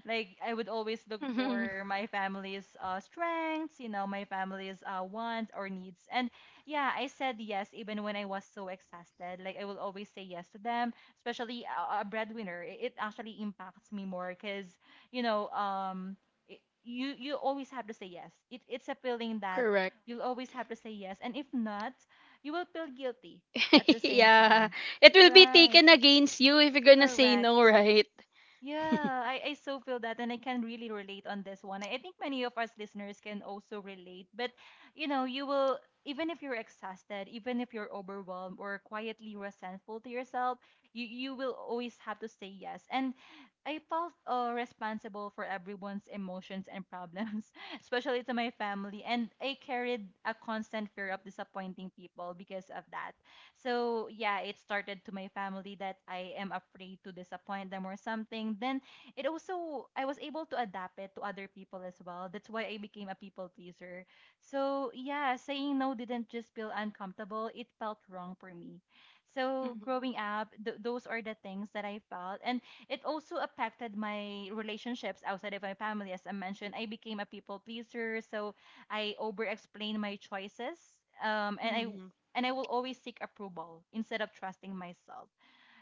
Like I would always look Mm-hmm. for my family's strengths, my family's wants or needs. And yeah, I said yes even when I was so exhausted. Like I will always say yes to them, especially a breadwinner. It actually impacts me more because you know, it, you always have to say yes. It's a feeling that correct. you'll always have to say yes, and if not, you will feel guilty at the same yeah. time. It will be Right, taken against you if you're gonna say correct. no, right? Yeah, I so feel that, and I can really relate on this one. I think many of us listeners can also relate, but you will, even if you're exhausted, even if you're overwhelmed or quietly resentful to yourself, you will always have to say yes. And I felt, responsible for everyone's emotions and problems, especially to my family, and I carried a constant fear of disappointing people because of that. So yeah, it started to my family that I am afraid to disappoint them or something. Then it also I was able to adapt it to other people as well. That's why I became a people pleaser. So yeah, saying no didn't just feel uncomfortable, it felt wrong for me. So Mm-hmm. growing up, those are the things that I felt, and it also affected my relationships outside of my family, as I mentioned. I became a people pleaser, so I over explained my choices. Um, and I Mm-hmm. and I will always seek approval instead of trusting myself.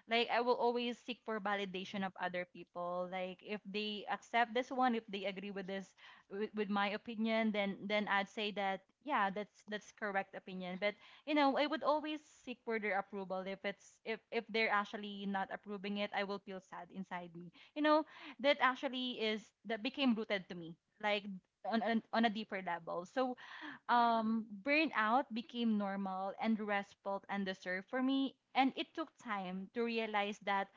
Like I will always seek for validation of other people. Like if they accept this one, if they agree with my opinion, then I'd say that, yeah, that's correct opinion. But I would always seek for their approval. If it's if they're actually not approving it, I will feel sad inside me. That actually is that became rooted to me. Like on a deeper level. So burnout became normal and restful and deserved for me. And it took time to realize that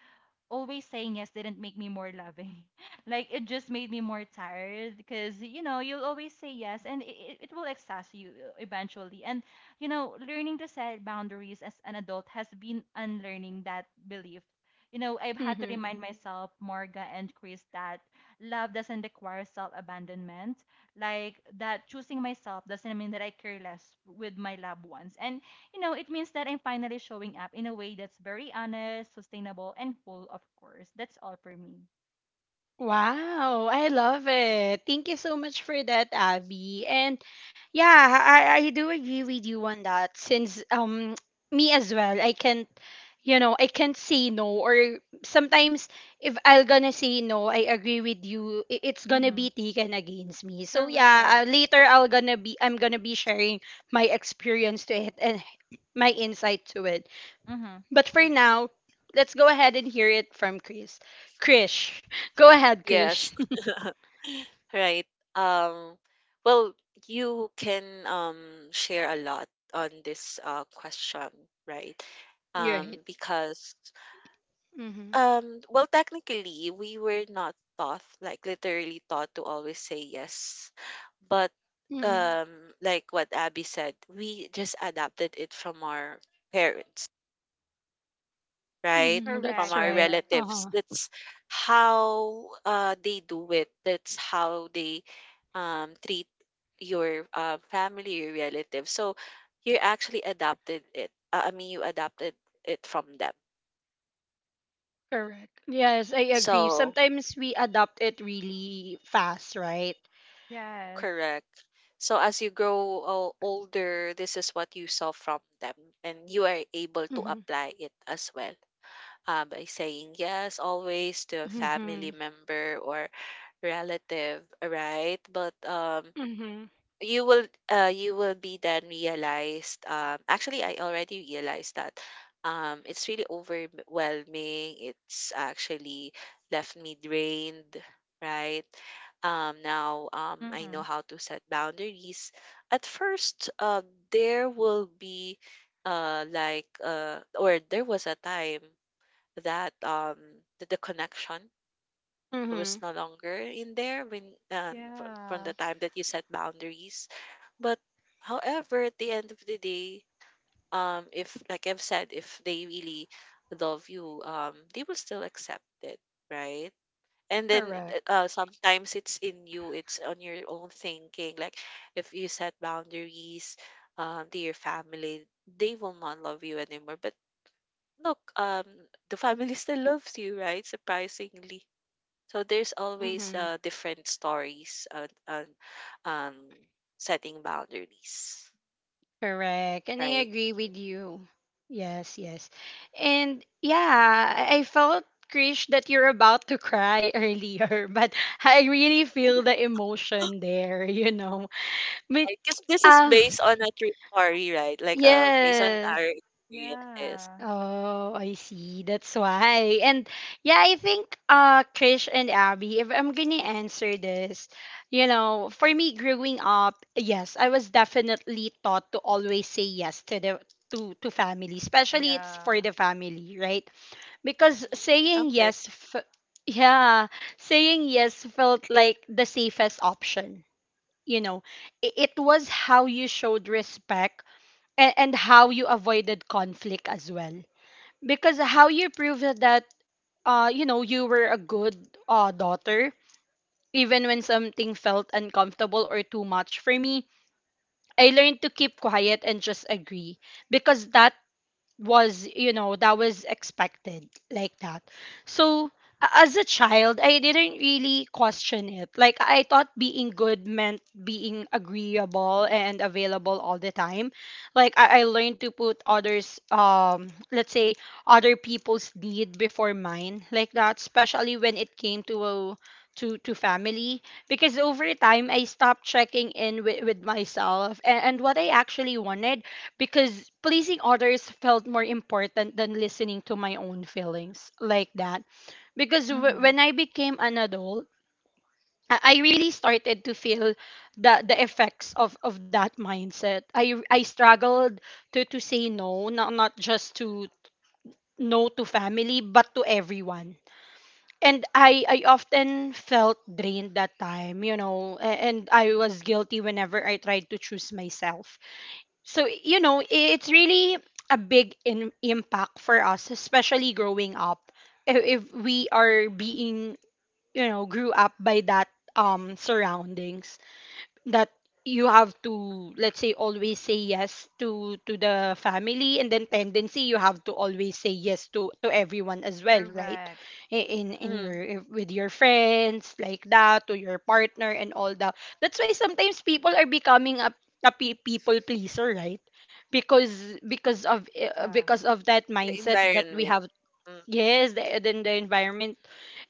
always saying yes didn't make me more loving. Like it just made me more tired, because you'll always say yes and it will exhaust you, eventually. And learning to set boundaries as an adult has been unlearning that belief. You know I've had to Mm-hmm. remind myself, Morga and Chris, that love doesn't require self abandonment. Like that choosing myself doesn't mean that I care less with my loved ones. And it means that I'm finally showing up in a way that's very honest, sustainable, and full, of course. That's all for me. Wow, I love it. Thank you so much for that, Abby. And yeah, I do agree with you on that since me as well. I can't, you know, I can't say no. Or sometimes if I'm gonna say no, I agree with you, it's gonna Mm-hmm. be taken against me. So yeah, Correct. Later I'm gonna be sharing my experience to it and my insight to it. Mm-hmm. But for Mhm. now, let's go ahead and hear it from Chris. Krish. Go ahead, Krish. Yes. Right. Um, well, you can share a lot on this question, right? You're right. Because, Mm-hmm. Well, technically, we were not taught, like literally taught to always say yes. But Mm-hmm. um, like what Abby said, we just adapted it from our parents, right? Mm-hmm. From That's Correct. our right. Correct. relatives. Uh-huh. That's how they do it. That's how they treat your family, your relatives. So you actually adopted it. I mean, you adopted it from them. Correct. Yes, I agree. So, Sometimes we adopt it really fast, right? Yes. correct. So as you grow older, this is what you saw from them, and you are able to Mm-hmm. apply it as well by saying yes always to a Mm-hmm. family member or relative, right? But Mm-hmm. You will be then realized. Actually, I already realized that it's really overwhelming. It's actually left me drained, right? Now I Mm-hmm. know how to set boundaries. At first, there will be or there was a time that, the connection Mm-hmm. was no longer in there when from Yeah. the time that you set boundaries. But however, at the end of the day, if like I've said, if they really love you, they will still accept it, right? And then Correct. Sometimes it's in you, it's on your own thinking. Like if you set boundaries to your family, they will not love you anymore. But look, the family still loves you, right? Surprisingly. So there's always Mm-hmm. Different stories on um, setting boundaries, Correct. And I right? agree with you. Yes, yes. And yeah, I felt, Krish, that you're about to cry earlier, but I really feel the emotion there, you know. But, Because this is uh, based on a true story, right? Like based on yes. our experiences. Yeah. Oh, I see. That's why. And yeah, I think, Krish and Abby, if I'm gonna answer this, you know, for me growing up, yes, I was definitely taught to always say yes to the to family, especially it's for Yeah. the family, right? Because Mm, saying okay. yes f yeah, saying yes felt like the safest option, you know. It was how you showed respect, and how you avoided conflict as well, because how you prove that, you know, you were a good daughter, even when something felt uncomfortable or too much for me. I learned to keep quiet and just agree because that was, you know, that was expected, like that. So as a child, I didn't really question it. Like, I thought being good meant being agreeable and available all the time. Like I learned to put others, let's say other people's need before mine, like that, especially when it came to a to family, because over time I stopped checking in with myself and what I actually wanted, because pleasing others felt more important than listening to my own feelings, like that. Because w- Mm-hmm. when I became an adult, I really started to feel the effects of that mindset. I struggled to say no, not, not just to no to family but to everyone. And I often felt drained that time, you know, and I was guilty whenever I tried to choose myself. So, you know, it's really a big impact for us, especially growing up. If, if we are being, you know, grew up by that, surroundings, that you have to, let's Mm-hmm. say, always say yes to the family, and then tendency you have to always say yes to everyone as well, right? Correct. In Mm, right. your, with your friends, like that, to your partner and all that. That's why sometimes people are becoming a people pleaser, right? Because Yeah. because of that The mindset that we environment. have. Mm. Yes, then the environment,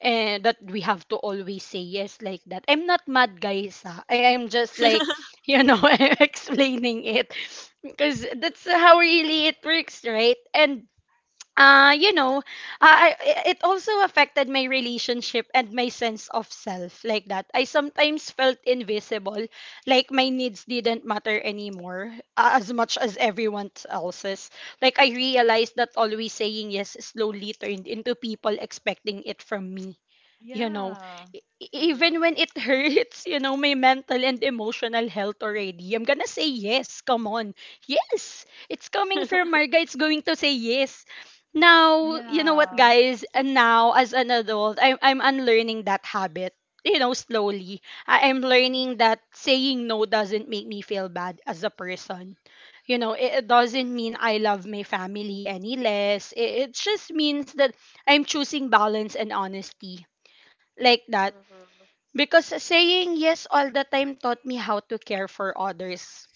and that we have to always say yes, like that. I'm not mad, guys. Ah, I am just like, you know, I'm explaining it because that's how really it works, right? And, you know, it also affected my relationship and my sense of self, like that. I sometimes felt invisible, like my needs didn't matter anymore, as much as everyone else's. Like, I realized that always saying yes slowly turned into people expecting it from me, you know. Yeah. Even Mm-hmm. when it hurts, you know, my mental and emotional health already, I'm gonna say yes. Come on, yes, it's coming from Marga, it's going to say yes. Now, you know what, Yeah. guys? And now as an adult, I'm unlearning that habit, you know. Slowly, I'm learning that saying no doesn't make me feel bad as a person. You know, it doesn't Correct. mean I love my family any less. It just means that I'm choosing balance and honesty, like that. Mm-hmm. Because saying yes all the time taught me how to care for others.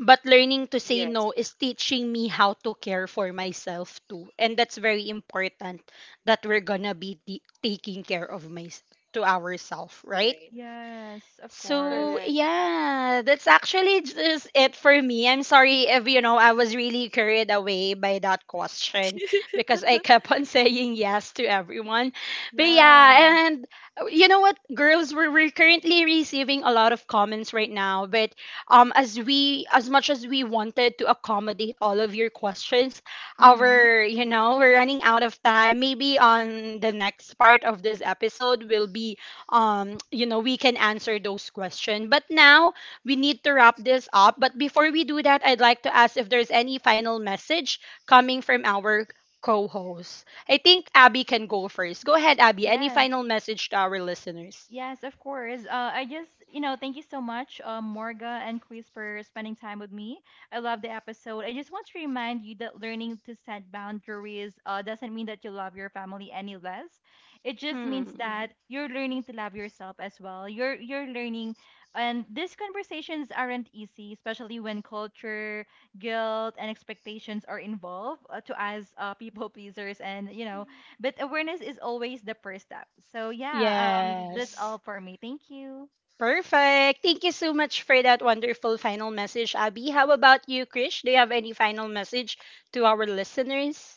But learning to say Yes. no is teaching me how to care for myself too. And that's very important, that we're gonna be taking care of my to ourselves, right? Right. Yes, of So course. Correct. yeah, that's actually just it for me. I'm sorry if, you know, I was really carried away by that question because I kept on saying yes to everyone. But Yeah. yeah, and, you know what, girls, we're currently receiving a lot of comments right now. But as we as much as we wanted to accommodate all of your questions, Mm-hmm. our, you know, we're running out of time. Maybe on the next part of this episode, we'll be, you know, we can answer those questions, but now we need to wrap this up. But before we do that, I'd like to ask if there's any final message coming from our co-host. I think Abby can go first. Go ahead, Abby. Any Yes. final message to our listeners? Yes, of course. I just, thank you so much, Morga and Chris, for spending time with me. I love the episode. I just want to remind you that learning to set boundaries, doesn't mean that you love your family any less. It just means, Mm-hmm, Hmm. that you're learning to love yourself as well. You're learning, and these conversations aren't easy, especially when culture, guilt, and expectations are involved, to us, people pleasers, and but awareness is always the first step. So yeah, that's Mm-hmm. Yes. all for me. Thank you. Perfect. Thank you so much for that wonderful final message, Abby. How about you, Krish? Do you have any final message to our listeners?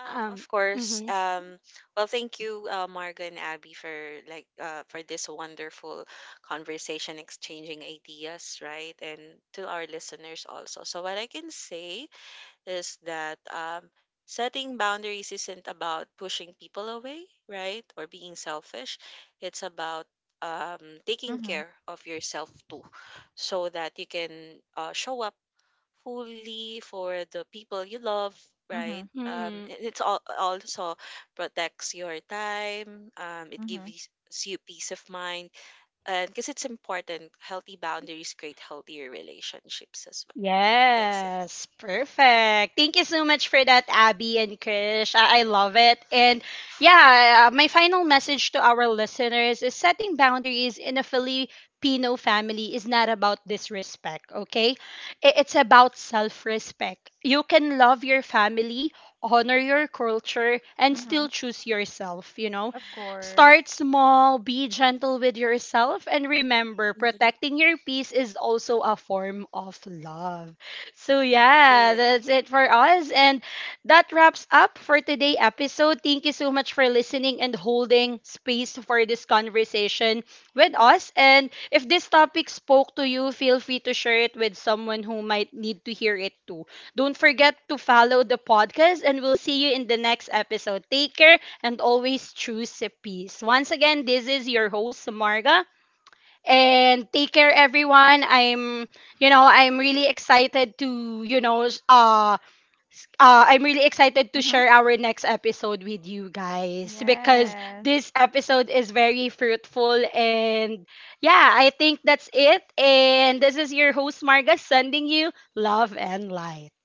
Um. Of course. Well, thank you, Marga and Abby, for like for this wonderful conversation, exchanging ideas, right? And to our listeners also. So what I can say is that setting boundaries isn't about pushing people away, right? Or being selfish. It's about taking Mm-hmm. care of yourself too, so that you can show up fully for the people you love, Mm-hmm. right? Mm-hmm. It's all, also protects your time. It Mm-hmm. gives you peace of mind, and because it's important, healthy boundaries create healthier relationships as well. That's it. Yes, perfect. Thank you so much for that, Abby and Krish. I love it. And yeah, my final message to our listeners is, setting boundaries in a Filipino family is not about disrespect, okay? It's about self respect. You can love your family, honor your culture, and Mm-hmm. still choose yourself, you know? Of course. Start small, be gentle with yourself, and remember, Mhm. protecting your peace is also a form of love. So, yeah, Correct. that's it for us. And that wraps up for today's episode. Thank you so much for listening and holding space for this conversation with us. And if this topic spoke to you, feel free to share it with someone who might need to hear it too. Don't forget to follow the podcast, and we'll see you in the next episode. Take care and always choose peace. Once again, this is your host, Marga. And take care, everyone. I'm, you know, I'm really excited to, you know, I'm really excited to Mm-hmm. share our next episode with you guys because Yes. this episode is very fruitful. And yeah, I think that's it. And this is your host, Marga, sending you love and light.